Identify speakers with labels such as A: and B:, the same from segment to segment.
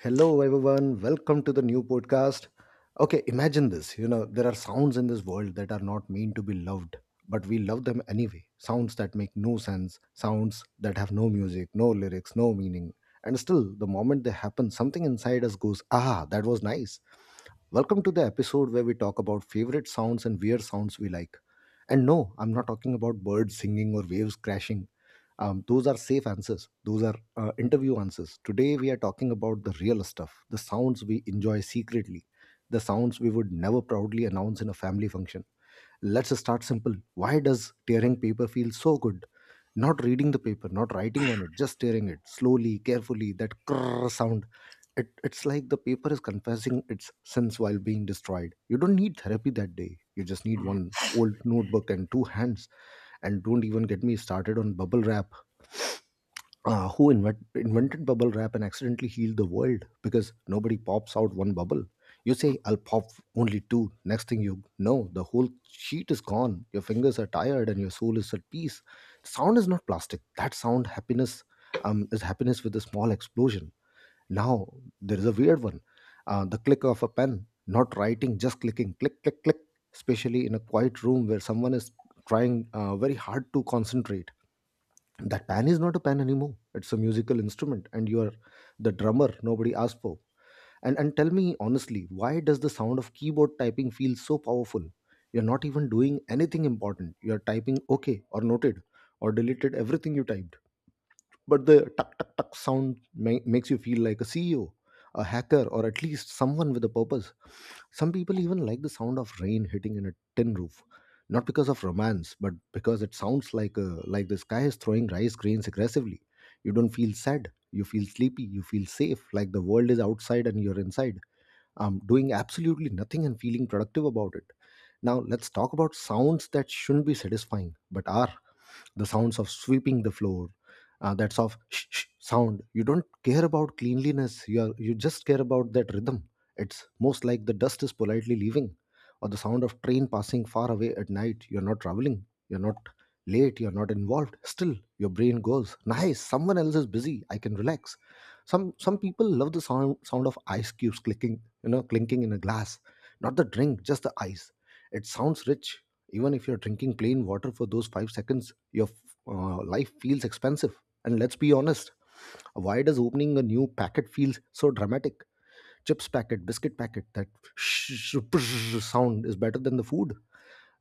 A: Hello, everyone. Welcome to the new podcast. Okay, imagine this. You know, there are sounds in this world that are not meant to be loved, but we love them anyway. Sounds that make no sense, sounds that have no music, no lyrics, no meaning. And still, the moment they happen, something inside us goes, ah, that was nice. Welcome to the episode where we talk about favorite sounds and weird sounds we like. And no, I'm not talking about birds singing or waves crashing. Those are safe answers, those are interview answers. Today, we are talking about the real stuff, the sounds we enjoy secretly, the sounds we would never proudly announce in a family function. Let's start simple. Why does tearing paper feel so good? Not reading the paper, not writing on it, just tearing it slowly, carefully, that crrr sound it's like the paper is confessing its sins while being destroyed. You don't need therapy that day. You just need
B: Mhm,
A: one old notebook and two hands. And don't even get me started on bubble wrap. Who invented bubble wrap and accidentally healed the world because nobody pops out one bubble? You
B: mhm.
A: say, I'll pop only two. Next thing you know, the whole sheet is gone. Your fingers are tired and your soul is at peace. Sound is not plastic. That sound happiness is happiness with a small explosion. Now there is a weird one. The click of a pen, not writing, just clicking, click, click, click, especially in a quiet room where someone is trying very hard to concentrate. That pen is not a pen anymore. It's a musical instrument, and you're the drummer nobody asked for. And tell me honestly, why does the sound of keyboard typing feel so powerful? You're not even doing anything important. You're typing okay or noted or deleted everything you type, but the tuck tuck tuck sound makes you feel like a ceo, a hacker, or at least someone with a purpose. Some people even like the sound of rain hitting in a tin roof, not because of romance but because it sounds like a like the sky is throwing rice grains aggressively. You don't feel sad, you feel sleepy, you feel safe, like the world is outside and you're inside, doing absolutely nothing and feeling productive about it. Now let's talk about sounds that shouldn't be satisfying but are. The sounds of sweeping the floor, that's of shh sound. You don't care about cleanliness, you are you just care about that rhythm. It's most like the dust is politely leaving. Or the sound of train passing far away at night, you're not traveling, you're not late, you're not involved, still your brain goes nice, someone else is busy, I can relax. Some people love the sound of ice cubes clicking, you know, clinking in a glass, not the drink, just the ice. It sounds rich. Even if you're drinking plain water for those five seconds, your life feels expensive. And let's be honest, why does opening a new packet feels so dramatic? Chips packet, biscuit packet, that sound is better than the food.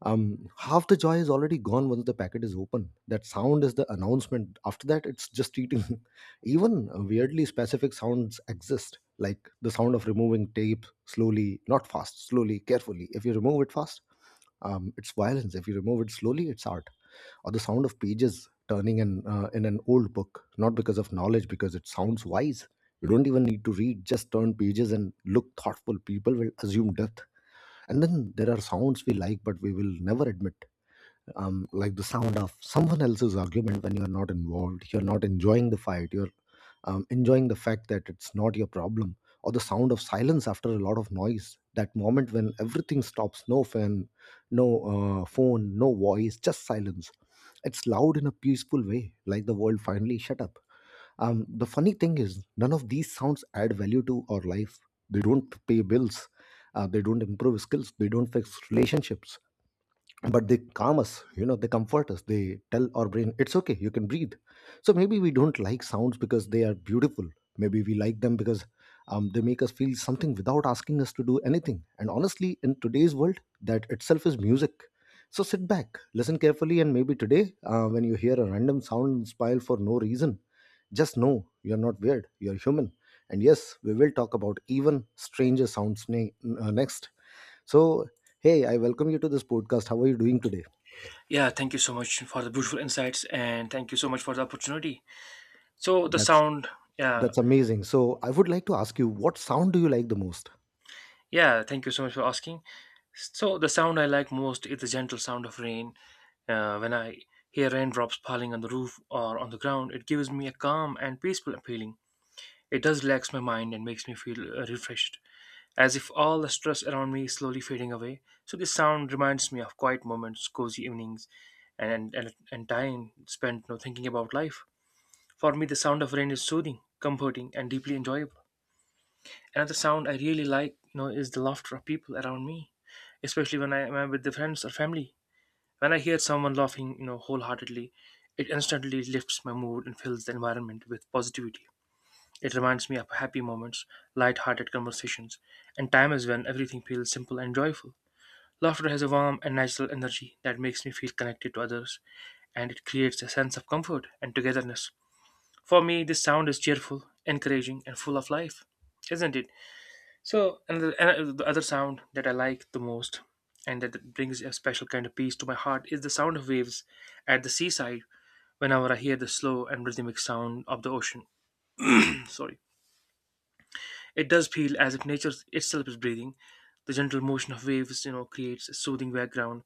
A: Half the joy is already gone once the packet is open. That sound is the announcement. After that, it's just eating. Even weirdly specific sounds exist, like the sound of removing tape slowly, not fast, slowly, carefully. If you remove it fast, it's violence. If you remove it slowly, it's art. Or the sound of pages turning in an old book, not because of knowledge, because it sounds wise. You don't even need to read, just turn pages and look thoughtful. People will assume death. And then there are sounds we like, but we will never admit, like the sound of someone else's argument when you're not involved, you're not enjoying the fight, you're enjoying the fact that it's not your problem. Or the sound of silence after a lot of noise, that moment when everything stops, no fan, no phone, no voice, just silence. It's loud in a peaceful way, like the world finally shut up. Um, the funny thing is, none of these sounds add value to our life. They don't pay bills, they don't improve skills, they don't fix relationships, but they calm us, you know, they comfort us, they tell our brain it's okay, you can breathe. So maybe we don't like sounds because they are beautiful, maybe we like them because they make us feel something without asking us to do anything, and honestly, in today's world, that itself is music. So sit back, listen carefully, and maybe today, when you hear a random sound and smile for no reason, just know you're not weird, you're human. And yes, we will talk about even stranger sounds next. So, hey, I welcome you to this podcast. How are you doing today?
B: Yeah, thank you so much for the beautiful insights and thank you so much for the opportunity. So the
A: That's
B: sound, yeah,
A: that's amazing. So, I would like to ask you, what sound do you like the most?
B: yeah, Thank you so much for asking. So the sound I like most is the gentle sound of rain. When I hear raindrops falling on the roof or on the ground, it gives me a calm and peaceful feeling. It does relax my mind and makes me feel refreshed, as if all the stress around me is slowly fading away. So this sound reminds me of quiet moments, cozy evenings, and time spent, you know, thinking about life. For me, the sound of rain is soothing, comforting, and deeply enjoyable. Another sound I really like, you know, is the laughter of people around me, especially when I am with the friends or family. When I hear someone laughing, you know, wholeheartedly, it instantly lifts my mood and fills the environment with positivity. It reminds me of happy moments, light-hearted conversations, and times when everything feels simple and joyful. Laughter has a warm and natural energy that makes me feel connected to others, and it creates a sense of comfort and togetherness. For me, this sound is cheerful, encouraging, and full of life, isn't it? So, and the other sound that I like the most and that brings a special kind of peace to my heart is the sound of waves at the seaside. Whenever I hear the slow and rhythmic sound of the ocean. Sorry. It does feel as if nature itself is breathing. The gentle motion of waves, you know, creates a soothing background,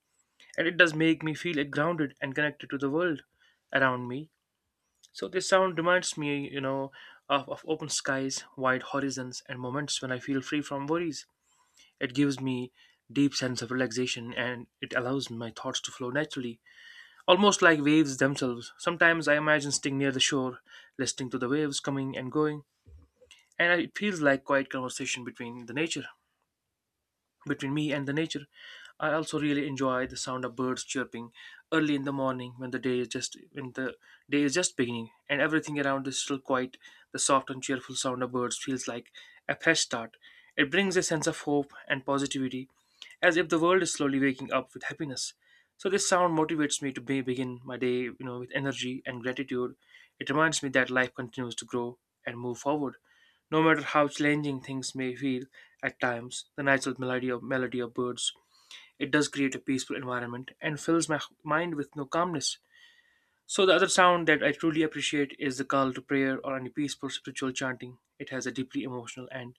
B: and it does make me feel grounded and connected to the world around me. So this sound reminds me, you know, of open skies, wide horizons, and moments when I feel free from worries. It gives me deep sense of relaxation, and it allows my thoughts to flow naturally, almost like waves themselves. Sometimes I imagine sitting near the shore, listening to the waves coming and going, and it feels like quiet conversation between the nature. Between me and the nature, I also really enjoy the sound of birds chirping early in the morning when the day is just beginning and everything around is still quiet. The soft and cheerful sound of birds feels like a fresh start. It brings a sense of hope and positivity, as if the world is slowly waking up with happiness. So this sound motivates me to begin my day, you know, with energy and gratitude. It reminds me that life continues to grow and move forward. No matter how challenging things may feel at times, the natural melody of birds, it does create a peaceful environment and fills my mind with no calmness. So the other sound that I truly appreciate is the call to prayer or any peaceful spiritual chanting. It has a deeply emotional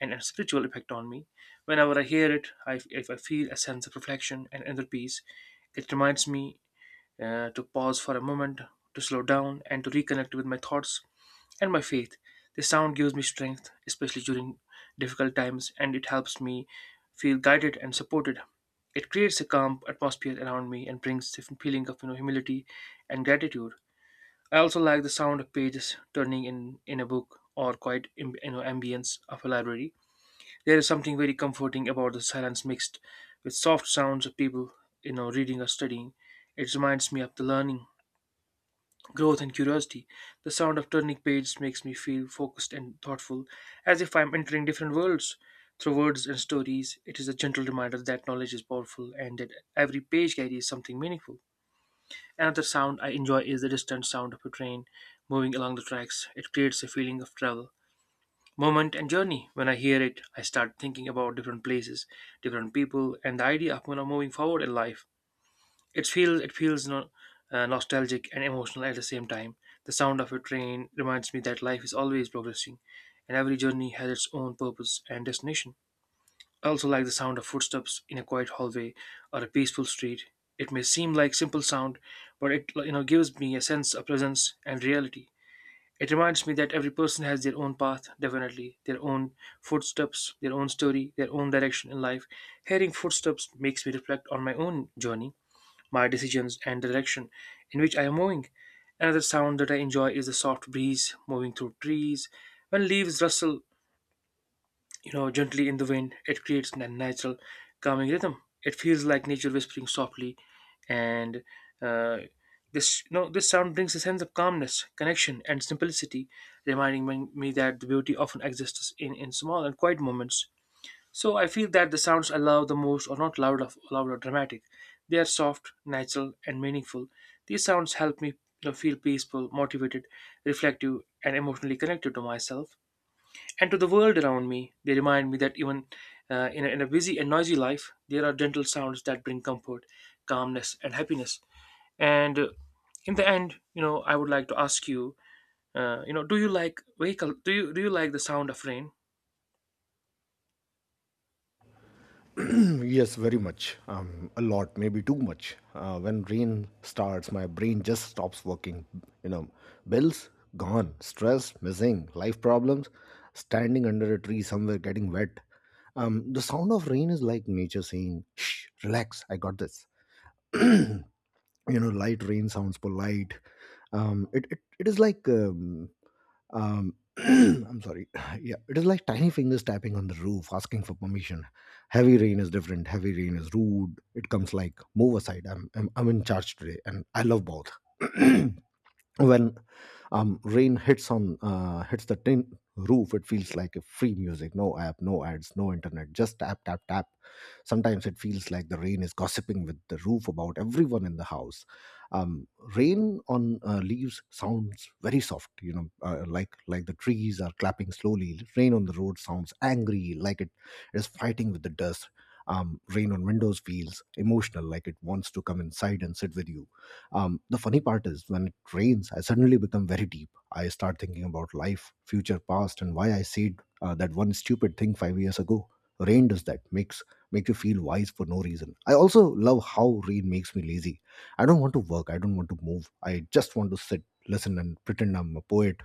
B: and a spiritual effect on me. Whenever I hear it, if I feel a sense of reflection and inner peace. It reminds me to pause for a moment, to slow down, and to reconnect with my thoughts and my faith. The sound gives me strength, especially during difficult times, and it helps me feel guided and supported. It creates a calm atmosphere around me and brings the feeling of, you know, humility and gratitude. I also like the sound of pages turning in a book or quiet you know, ambience of a library. There is something very comforting about the silence mixed with soft sounds of people, you know, reading or studying. It reminds me of the learning, growth, and curiosity. The sound of turning pages makes me feel focused and thoughtful, as if I'm entering different worlds. Through words and stories, it is a gentle reminder that knowledge is powerful and that every page carries something meaningful. Another sound I enjoy is the distant sound of a train moving along the tracks. It creates a feeling of travel, moment, and journey. When I hear it, I start thinking about different places, different people, and the idea of moving forward in life. It feels no, nostalgic and emotional at the same time. The sound of a train reminds me that life is always progressing, and every journey has its own purpose and destination. I also like the sound of footsteps in a quiet hallway or a peaceful street. It may seem like simple sound, but it, you know, gives me a sense of presence and reality. It reminds me that every person has their own path, definitely, their own footsteps, their own story, their own direction in life. Hearing footsteps makes me reflect on my own journey, my decisions, and the direction in which I am moving. Another sound that I enjoy is the soft breeze moving through trees. When leaves rustle, you know, gently in the wind, it creates a natural calming rhythm. It feels like nature whispering softly, and uh, this, you know, this sound brings a sense of calmness, connection, and simplicity, reminding me that the beauty often exists in small and quiet moments. So I feel that the sounds I love the most are not loud or dramatic. They are soft, natural, and meaningful. These sounds help me, you know, feel peaceful, motivated, reflective, and emotionally connected to myself and to the world around me. They remind me that even in a busy and noisy life, there are gentle sounds that bring comfort, calmness, and happiness. And in the end, you know, I would like to ask you, you know, do you like wake? Do you like the sound of rain?
A: Yes, very much. A lot, maybe too much. When rain starts, my brain just stops working. You know, bills gone, stress missing, life problems, standing under a tree somewhere getting wet. The sound of rain is like nature saying, "Shh, relax. I got this." You know, light rain sounds polite. It is like I'm sorry. Yeah, it is like tiny fingers tapping on the roof asking for permission. Heavy rain is different. Heavy rain is rude, it comes like move aside, I'm in charge today, and I love both. When rain hits the tin roof, it feels like a free music, no app, no ads, no internet, just tap tap tap. Sometimes it feels like the rain is gossiping with the roof about everyone in the house. um, Rain on leaves sounds very soft, you know, like the trees are clapping slowly. Rain on the road sounds angry, like it is fighting with the dust. Rain on windows feels emotional, like it wants to come inside and sit with you. Um, the funny part is, when it rains, I suddenly become very deep. I start thinking about life, future, past, and why I said that one stupid thing five years ago. Rain does that, make you feel wise for no reason. I also love how rain makes me lazy. I don't want to work. I don't want to move. I just want to sit, listen, and pretend I'm a poet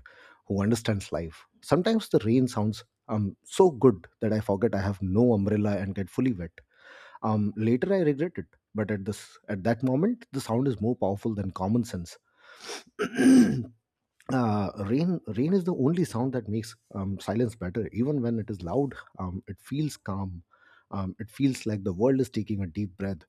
A: who understands life. Sometimes the rain sounds so good that I forget I have no umbrella and get fully wet. Later, I regret it, but at that moment, the sound is more powerful than common sense. Rain is the only sound that makes silence better. Even when it is loud, it feels calm, it feels like the world is taking a deep breath.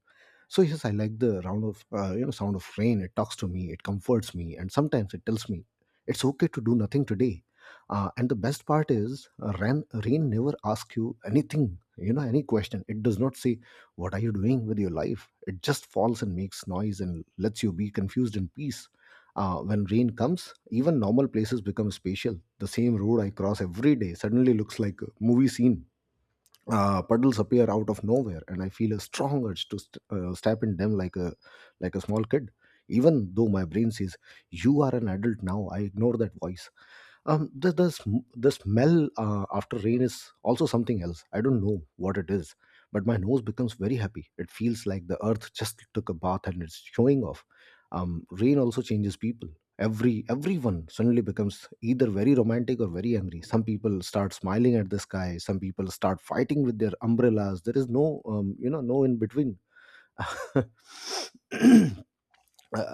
A: So yes, I like the round of you know sound of rain. It talks to me, it comforts me, and sometimes it tells me it's okay to do nothing today. And the best part is, rain never asks you anything, you know, any question. It does not say, "What are you doing with your life?" It just falls and makes noise and lets you be confused in peace. When rain comes, even normal places become spatial. The same road I cross every day suddenly looks like a movie scene. Puddles appear out of nowhere, and I feel a strong urge to step in them like a small kid. Even though my brain says, "You are an adult now," I ignore that voice. The smell after rain is also something else. I don't know what it is, but my nose becomes very happy. It feels like the earth just took a bath and it's showing off. Um, rain also changes people. Everyone suddenly becomes either very romantic or very angry. Some people start smiling at the sky, some people start fighting with their umbrellas. There is no no in between. uh,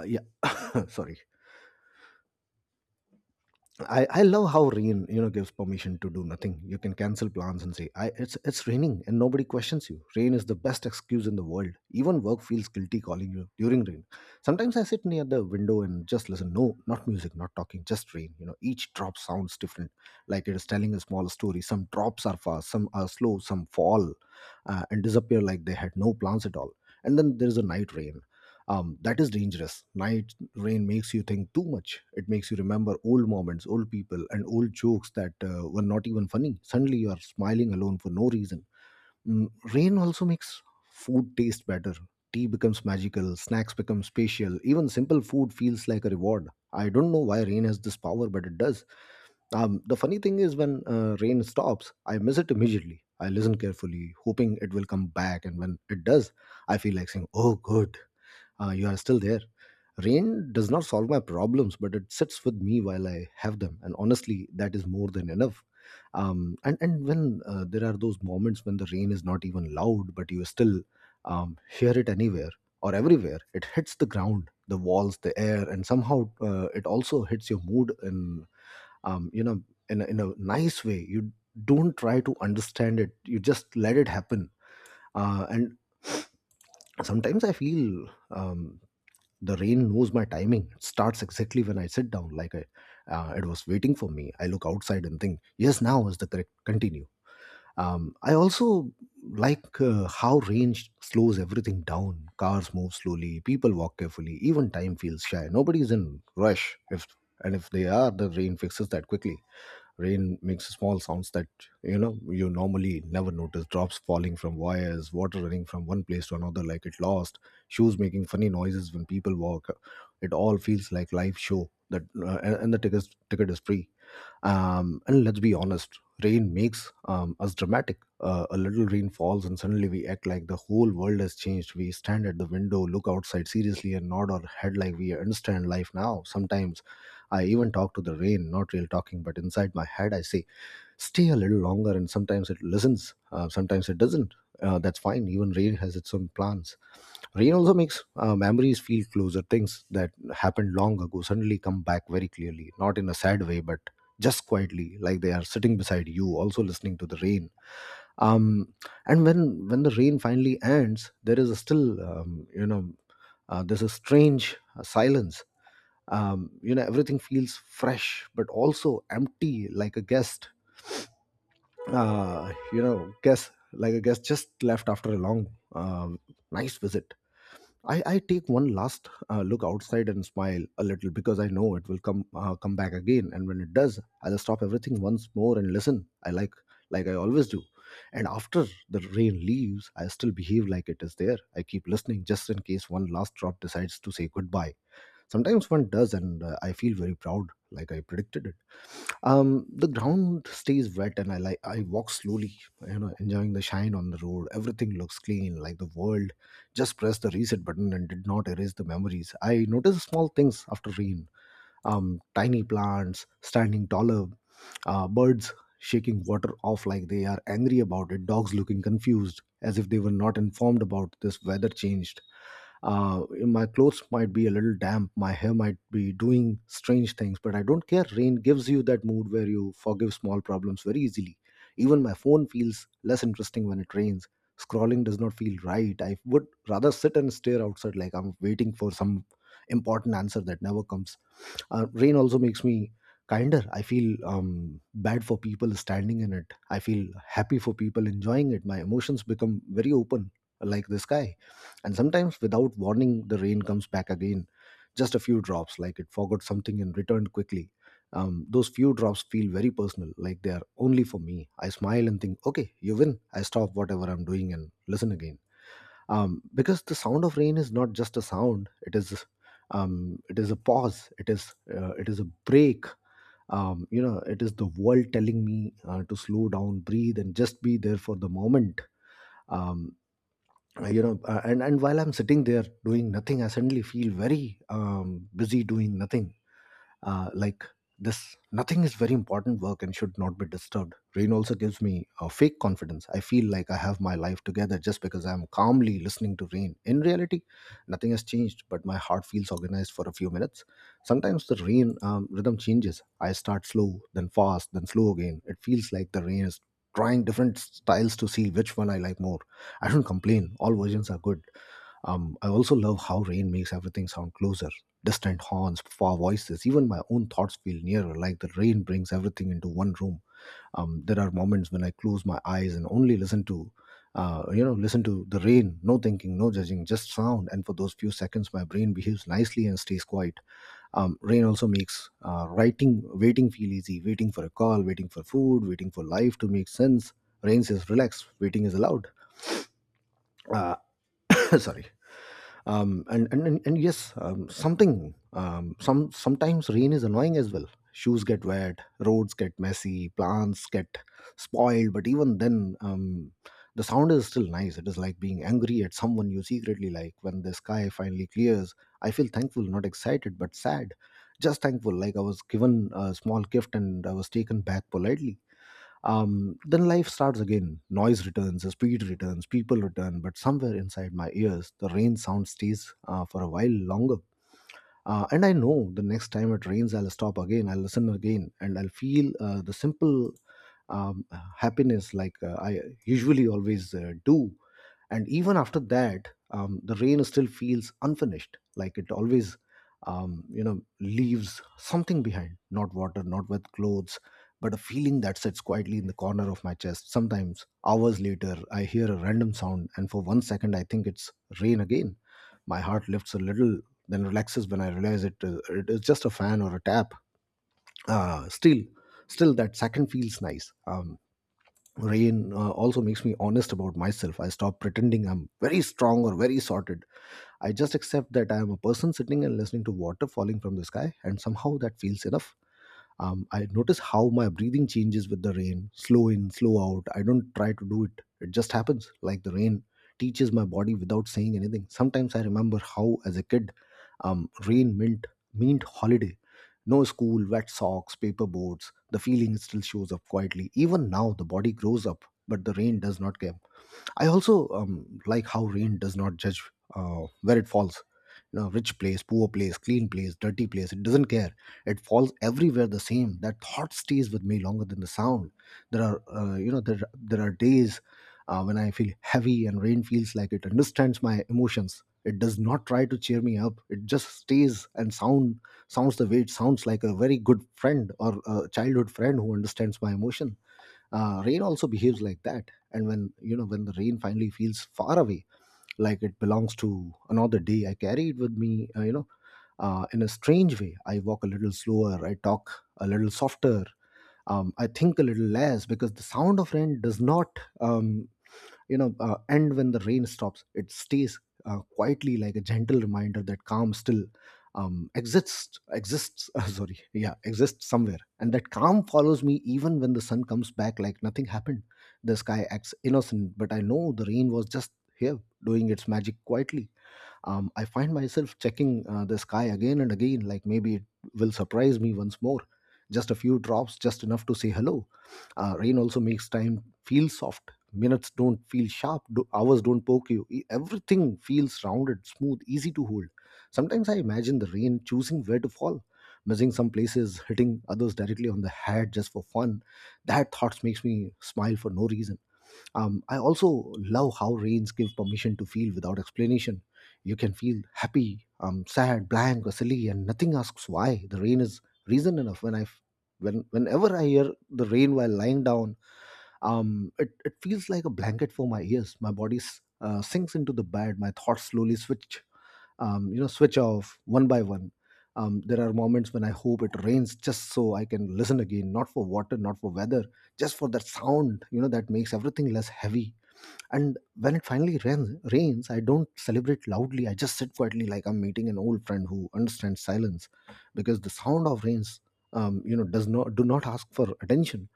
A: yeah. Sorry. I love how rain, you know, gives permission to do nothing. You can cancel plans and say I it's raining, and nobody questions you. Rain is the best excuse in the world. Even work feels guilty calling you during rain. Sometimes I sit near the window and just listen. No, not music, not talking, just rain. You know, each drop sounds different, like it is telling a small story. Some drops are fast, some are slow, some fall and disappear like they had no plans at all. And then there is a night rain. That is dangerous. Night rain makes you think too much. It makes you remember old moments, old people, and old jokes that were not even funny. Suddenly, you are smiling alone for no reason. Mm, Rain also makes food taste better. Tea becomes magical, snacks become spatial, even simple food feels like a reward. I don't know why rain has this power, but it does. The funny thing is, when rain stops, I miss it immediately. I listen carefully, hoping it will come back, and when it does, I feel like saying, oh, good. You are still there. Rain does not solve my problems, but it sits with me while I have them. And honestly, that is more than enough. And when there are those moments when the rain is not even loud, but you still hear it anywhere or everywhere. It hits the ground, the walls, the air, and somehow it also hits your mood in, you know, in a nice way. You don't try to understand it, you just let it happen. And sometimes I feel the rain knows my timing. It starts exactly when I sit down, like it was waiting for me. I look outside and think, yes, now is the correct continue. I also like how rain slows everything down. Cars move slowly, people walk carefully, even time feels shy. Nobody is in rush. If they are, the rain fixes that quickly. Rain makes small sounds that you normally never notice. Drops falling from wires, water running from one place to another like it lost, shoes making funny noises when people walk. It all feels like live show that and the ticket is free. And let's be honest, rain makes us dramatic. A little rain falls, and suddenly we act like the whole world has changed. We stand at the window, look outside seriously, and nod our head like we understand life now. Sometimes I even talk to the rain, not real talking, but inside my head, I say, stay a little longer, and sometimes it listens, sometimes it doesn't. That's fine, even rain has its own plans. Rain also makes memories feel closer. Things that happened long ago suddenly come back very clearly, not in a sad way, but just quietly, like they are sitting beside you, also listening to the rain. Um, and when the rain finally ends, there is a strange silence. Everything feels fresh, but also empty, like a guest. Like a guest just left after a long, uh, nice visit. I take one last look outside and smile a little because I know it will come back again. And when it does, I'll stop everything once more and listen, I like I always do. And after the rain leaves, I still behave like it is there. I keep listening just in case one last drop decides to say goodbye. Sometimes one does, and I feel very proud, like I predicted it. The ground stays wet, and I walk slowly, enjoying the shine on the road. Everything looks clean, like the world just pressed the reset button and did not erase the memories. I notice small things after rain: tiny plants standing taller, birds shaking water off like they are angry about it, dogs looking confused as if they were not informed about this weather changed. My clothes might be a little damp, my hair might be doing strange things, but I don't care. Rain gives you that mood where you forgive small problems very easily. Even my phone feels less interesting when it rains. Scrolling does not feel right. I would rather sit and stare outside like I'm waiting for some important answer that never comes. Rain also makes me kinder. I feel bad for people standing in it. I feel happy for people enjoying it. My emotions become very open, like the sky. And sometimes, without warning, the rain comes back again. Just a few drops, like it forgot something and returned quickly. Those few drops feel very personal, like they are only for me. I smile and think, okay, you win. I stop whatever I'm doing and listen again, because the sound of rain is not just a sound. It is a pause. It is a break. It is the world telling me to slow down, breathe, and just be there for the moment. Um, uh, you know uh, and and while I'm sitting there doing nothing, I suddenly feel very busy doing nothing. Like this nothing is very important work and should not be disturbed. Rain also gives me a fake confidence. I feel like I have my life together just because I'm calmly listening to rain. In reality, nothing has changed, but my heart feels organized for a few minutes. Sometimes the rain rhythm changes. I start slow, then fast, then slow again. It feels like the rain is trying different styles to see which one I like more. I don't complain. All versions are good. I also love how rain makes everything sound closer. Distant horns, far voices, even my own thoughts feel nearer, like the rain brings everything into one room. There are moments when I close my eyes and only listen to the rain, no thinking, no judging, just sound. And for those few seconds, my brain behaves nicely and stays quiet. Rain also makes waiting feel easy, waiting for a call, waiting for food, waiting for life to make sense. Rain says relax, waiting is allowed. Uh, sorry. And yes, something some sometimes rain is annoying as well. Shoes get wet, roads get messy, plants get spoiled, but even then, the sound is still nice. It is like being angry at someone you secretly like. When the sky finally clears, I feel thankful, not excited, but sad, just thankful, like I was given a small gift and I was taken back politely. Then life starts again. Noise returns, speed returns, people return, but somewhere inside my ears, the rain sound stays for a while longer. And I know the next time it rains, I'll stop again, I'll listen again, and I'll feel the simple um, happiness like I usually always do. And even after that, the rain still feels unfinished, like it always leaves something behind, not water, not with clothes, but a feeling that sits quietly in the corner of my chest. Sometimes hours later I hear a random sound, and for one second I think it's rain again. My heart lifts a little, then relaxes when I realize it is just a fan or a tap. uh, still still, that second feels nice. Rain also makes me honest about myself. I stop pretending I'm very strong or very sorted. I just accept that I am a person sitting and listening to water falling from the sky, and somehow that feels enough. I notice how my breathing changes with the rain, slow in, slow out. I don't try to do it just happens, like the rain teaches my body without saying anything. Sometimes I remember how as a kid, rain meant holiday, no school, wet socks, paper boards. The feeling still shows up quietly even now. The body grows up, but the rain does not care. I also like how rain does not judge where it falls. You know, rich place, poor place, clean place, dirty place. It doesn't care. It falls everywhere the same. That thought stays with me longer than the sound. There are, you know, there are days when I feel heavy and rain feels like it understands my emotions. It does not try to cheer me up. It just stays and sounds the way it sounds, like a very good friend or a childhood friend who understands my emotion. Rain also behaves like that. And when you know when the rain finally feels far away, like it belongs to another day, I carry it with me, in a strange way. I walk a little slower, I talk a little softer. I think a little less because the sound of rain does not. And when the rain stops, it stays quietly, like a gentle reminder that calm still exists sorry, yeah, exists somewhere. And that calm follows me even when the sun comes back, like nothing happened. The sky acts innocent, but I know the rain was just here, doing its magic quietly. I find myself checking the sky again and again, like maybe it will surprise me once more. Just a few drops, just enough to say hello. Rain also makes time feel soft. Minutes don't feel sharp, hours don't poke you. Everything feels rounded, smooth, easy to hold. Sometimes I imagine the rain choosing where to fall, missing some places, hitting others directly on the head just for fun. That thoughts makes me smile for no reason. I also love how rains give permission to feel without explanation. You can feel happy, sad, blank, or silly, and nothing asks why. The rain is reason enough. Whenever I hear the rain while lying down, it feels like a blanket for my ears. My body sinks into the bed. My thoughts slowly switch off one by one. There are moments when I hope it rains just so I can listen again, not for water, not for weather, just for that sound, that makes everything less heavy. And when it finally rains, I don't celebrate loudly. I just sit quietly, like I'm meeting an old friend who understands silence, because the sound of rains does not ask for attention.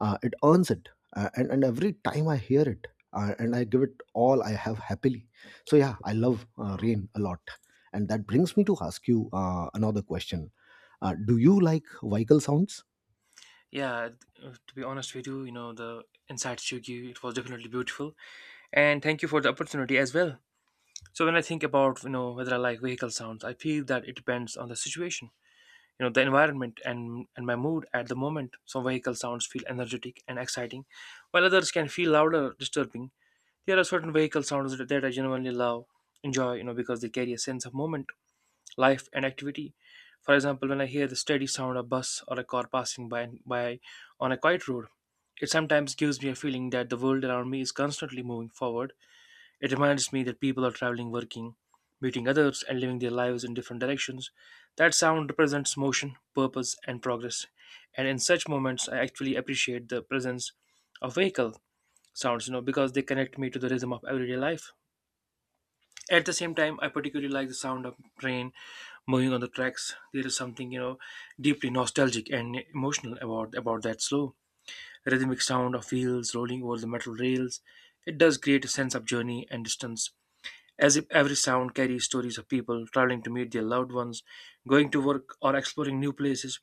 A: It earns it, and every time I hear it, and I give it all I have happily. So yeah, I love
B: Mm.
A: rain a lot, and that brings me to ask you another question. Do you like vehicle sounds?
B: Yeah, to be honest with you, you know, the inside Shugyu, it was definitely beautiful. And thank you for the opportunity as well. So when I think about, you know, whether I like vehicle sounds, I feel that it depends on the situation, you know, the environment, and my mood at the moment. Some vehicle sounds feel energetic and exciting, while others can feel louder, disturbing. There are certain vehicle sounds that I genuinely love, enjoy, you know, because they carry a sense of moment, life, and activity. For example, when I hear the steady sound of a bus or a car passing by on a quiet road, it sometimes gives me a feeling that the world around me is constantly moving forward. It reminds me that people are traveling, working, meeting others, and living their lives in different directions. That sound represents motion, purpose, and progress. And in such moments, I actually appreciate the presence of vehicle sounds, you know, because they connect me to the rhythm of everyday life. At the same time, I particularly like the sound of train moving on the tracks. There is something, you know, deeply nostalgic and emotional about that slow rhythmic sound of wheels rolling over the metal rails. It does create a sense of journey and distance, as if every sound carries stories of people traveling to meet their loved ones, going to work, or exploring new places.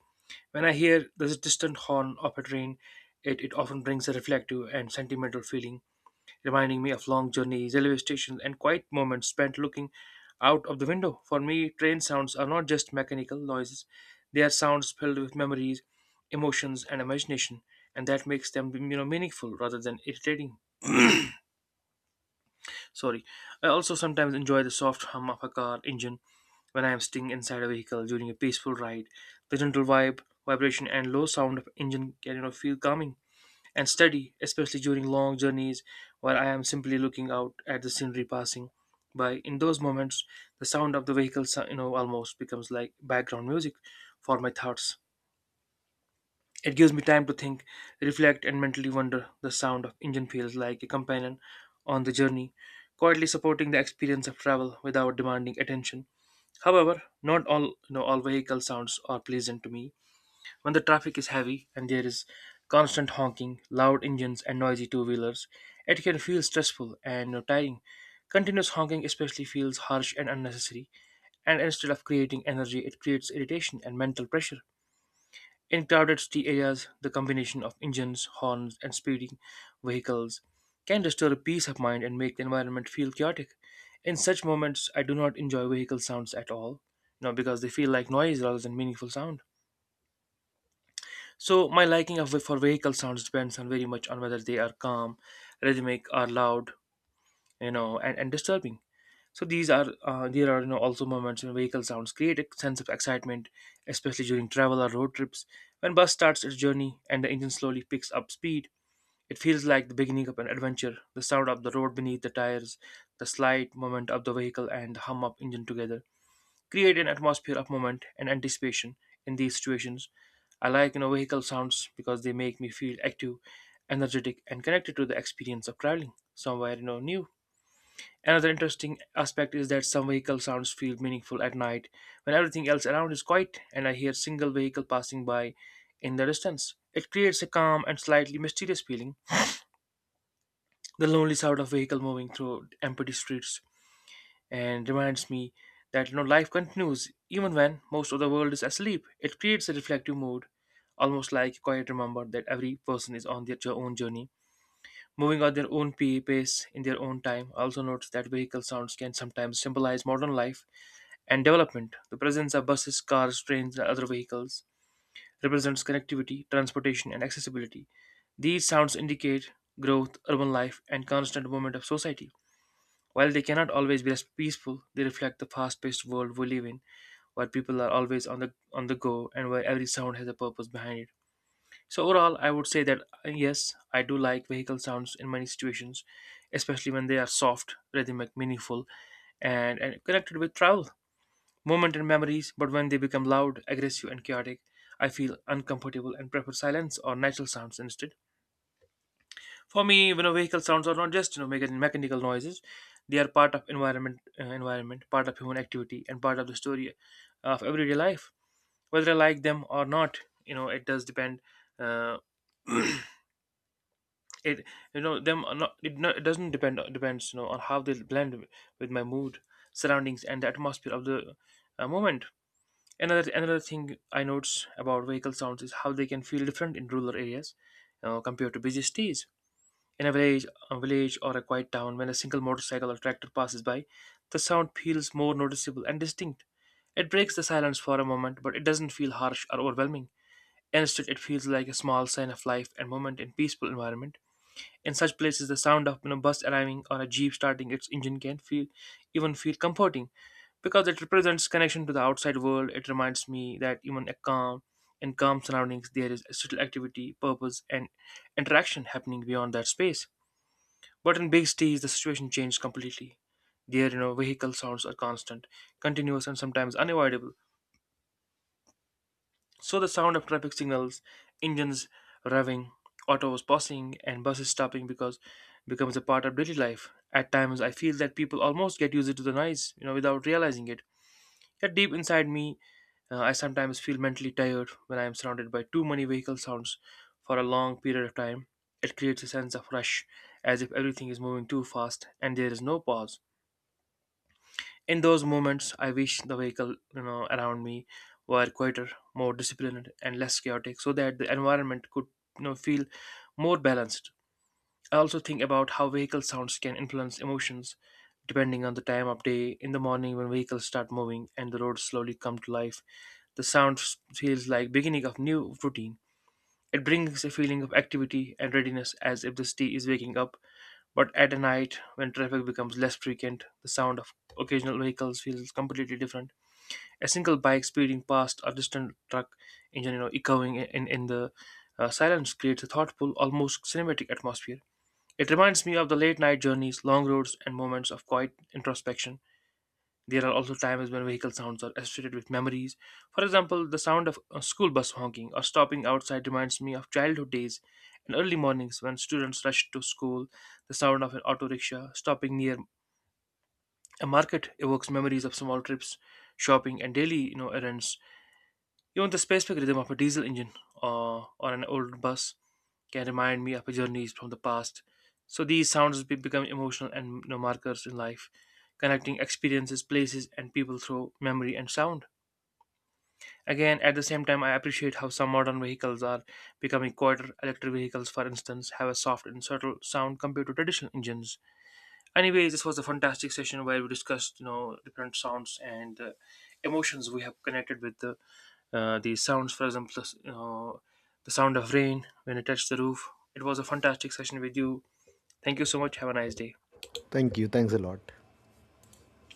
B: When I hear the distant horn of a train, it often brings a reflective and sentimental feeling, reminding me of long journeys, railway stations, and quiet moments spent looking out of the window. For me, train sounds are not just mechanical noises, they are sounds filled with memories, emotions, and imagination, and that makes them, you know, meaningful rather than irritating. Sorry. I also sometimes enjoy the soft hum of a car engine when I am sitting inside a vehicle during a peaceful ride. The gentle vibration, and low sound of engine can, you know, feel calming and study, especially during long journeys where I am simply looking out at the scenery passing by. In those moments, the sound of the vehicle, you know, almost becomes like background music for my thoughts. It gives me time to think, reflect, and mentally wonder. The sound of engine feels like a companion on the journey, quietly supporting the experience of travel without demanding attention. However, not all all vehicle sounds are pleasant to me. When the traffic is heavy and there is constant honking, loud engines, and noisy two wheelers, it can feel stressful and tiring. Continuous honking especially feels harsh and unnecessary, and instead of creating energy, it creates irritation and mental pressure. In crowded city areas, the combination of engines, horns, and speeding vehicles can disturb peace of mind and make the environment feel chaotic. In such moments, I do not enjoy vehicle sounds at all, you know, because they feel like noise rather than meaningful sound. So my liking of for vehicle sounds depends on very much on whether they are calm, rhythmic, or loud, and disturbing. So these are there are also moments when vehicle sounds create a sense of excitement, especially during travel or road trips. When bus starts its journey and the engine slowly picks up speed, it feels like the beginning of an adventure. The sound of the road beneath the tires, the slight movement of the vehicle, and the hum of engine together create an atmosphere of moment and anticipation in these situations. I like vehicle sounds because they make me feel active, energetic, and connected to the experience of traveling somewhere new. Another interesting aspect is that some vehicle sounds feel meaningful at night when everything else around is quiet and I hear single vehicle passing by in the distance. It creates a calm and slightly mysterious feeling. The lonely sound of vehicle moving through empty streets and reminds me that life continues even when most of the world is asleep. It creates a reflective mood, almost like a quiet remember that every person is on their own journey, moving at their own pace in their own time. I also notice that vehicle sounds can sometimes symbolize modern life and development. The presence of buses, cars, trains, and other vehicles represents connectivity, transportation, and accessibility. These sounds indicate growth, urban life, and constant movement of society. While they cannot always be as peaceful, they reflect the fast-paced world we live in, where people are always on the go and where every sound has a purpose behind it. So overall, I would say that yes, I do like vehicle sounds in many situations, especially when they are soft, rhythmic, meaningful, and connected with travel, moment and memories, but when they become loud, aggressive, and chaotic, I feel uncomfortable and prefer silence or natural sounds instead. For me, vehicle sounds are not just mechanical noises. They are part of environment, environment, part of human activity, and part of the story of everyday life. Whether I like them or not, it does depend. Uh, it you know them are not it, not it doesn't depend depends on how they blend with my mood, surroundings, and the atmosphere of the moment. Another thing I notice about vehicle sounds is how they can feel different in rural areas compared to busy cities. In a village, a village or a quiet town, when a single motorcycle or tractor passes by, the sound feels more noticeable and distinct. It breaks the silence for a moment, but it doesn't feel harsh or overwhelming. Instead, it feels like a small sign of life and movement in peaceful environment. In such places, the sound of a bus arriving or a jeep starting its engine can feel even feel comforting because it represents connection to the outside world. It reminds me that even a calm in calm surroundings, there is subtle activity, purpose, and interaction happening beyond that space. But in big cities, the situation changed completely. There, vehicle sounds are constant, continuous, and sometimes unavoidable. So the sound of traffic signals, engines revving, autos passing, and buses stopping because becomes a part of daily life. At times, I feel that people almost get used to the noise, without realizing it. Yet deep inside me, I sometimes feel mentally tired when I am surrounded by too many vehicle sounds for a long period of time. It creates a sense of rush, as if everything is moving too fast and there is no pause. In those moments, I wish the vehicle, around me were quieter, more disciplined, and less chaotic, so that the environment could, feel more balanced. I also think about how vehicle sounds can influence emotions, depending on the time of day. In the morning, when vehicles start moving and the roads slowly come to life, the sound feels like beginning of new routine. It brings a feeling of activity and readiness, as if the city is waking up, but at night when traffic becomes less frequent, the sound of occasional vehicles feels completely different. A single bike speeding past a distant truck engine, echoing in the silence creates a thoughtful, almost cinematic atmosphere. It reminds me of the late night journeys, long roads, and moments of quiet introspection. There are also times when vehicle sounds are associated with memories. For example, the sound of a school bus honking or stopping outside reminds me of childhood days and early mornings when students rushed to school. The sound of an auto rickshaw stopping near a market evokes memories of small trips, shopping, and daily errands. Even the specific rhythm of a diesel engine or an old bus can remind me of journeys from the past. So these sounds become emotional and, markers in life, connecting experiences, places, and people through memory and sound. Again, at the same time, I appreciate how some modern vehicles are becoming quieter. Electric vehicles, for instance, have a soft and subtle sound compared to traditional engines. Anyway, this was a fantastic session where we discussed, different sounds and emotions we have connected with the these sounds. For example, the sound of rain when it touched the roof. It was a fantastic session with you. Thank you so much. Have a nice day.
A: Thank you. Thanks a lot.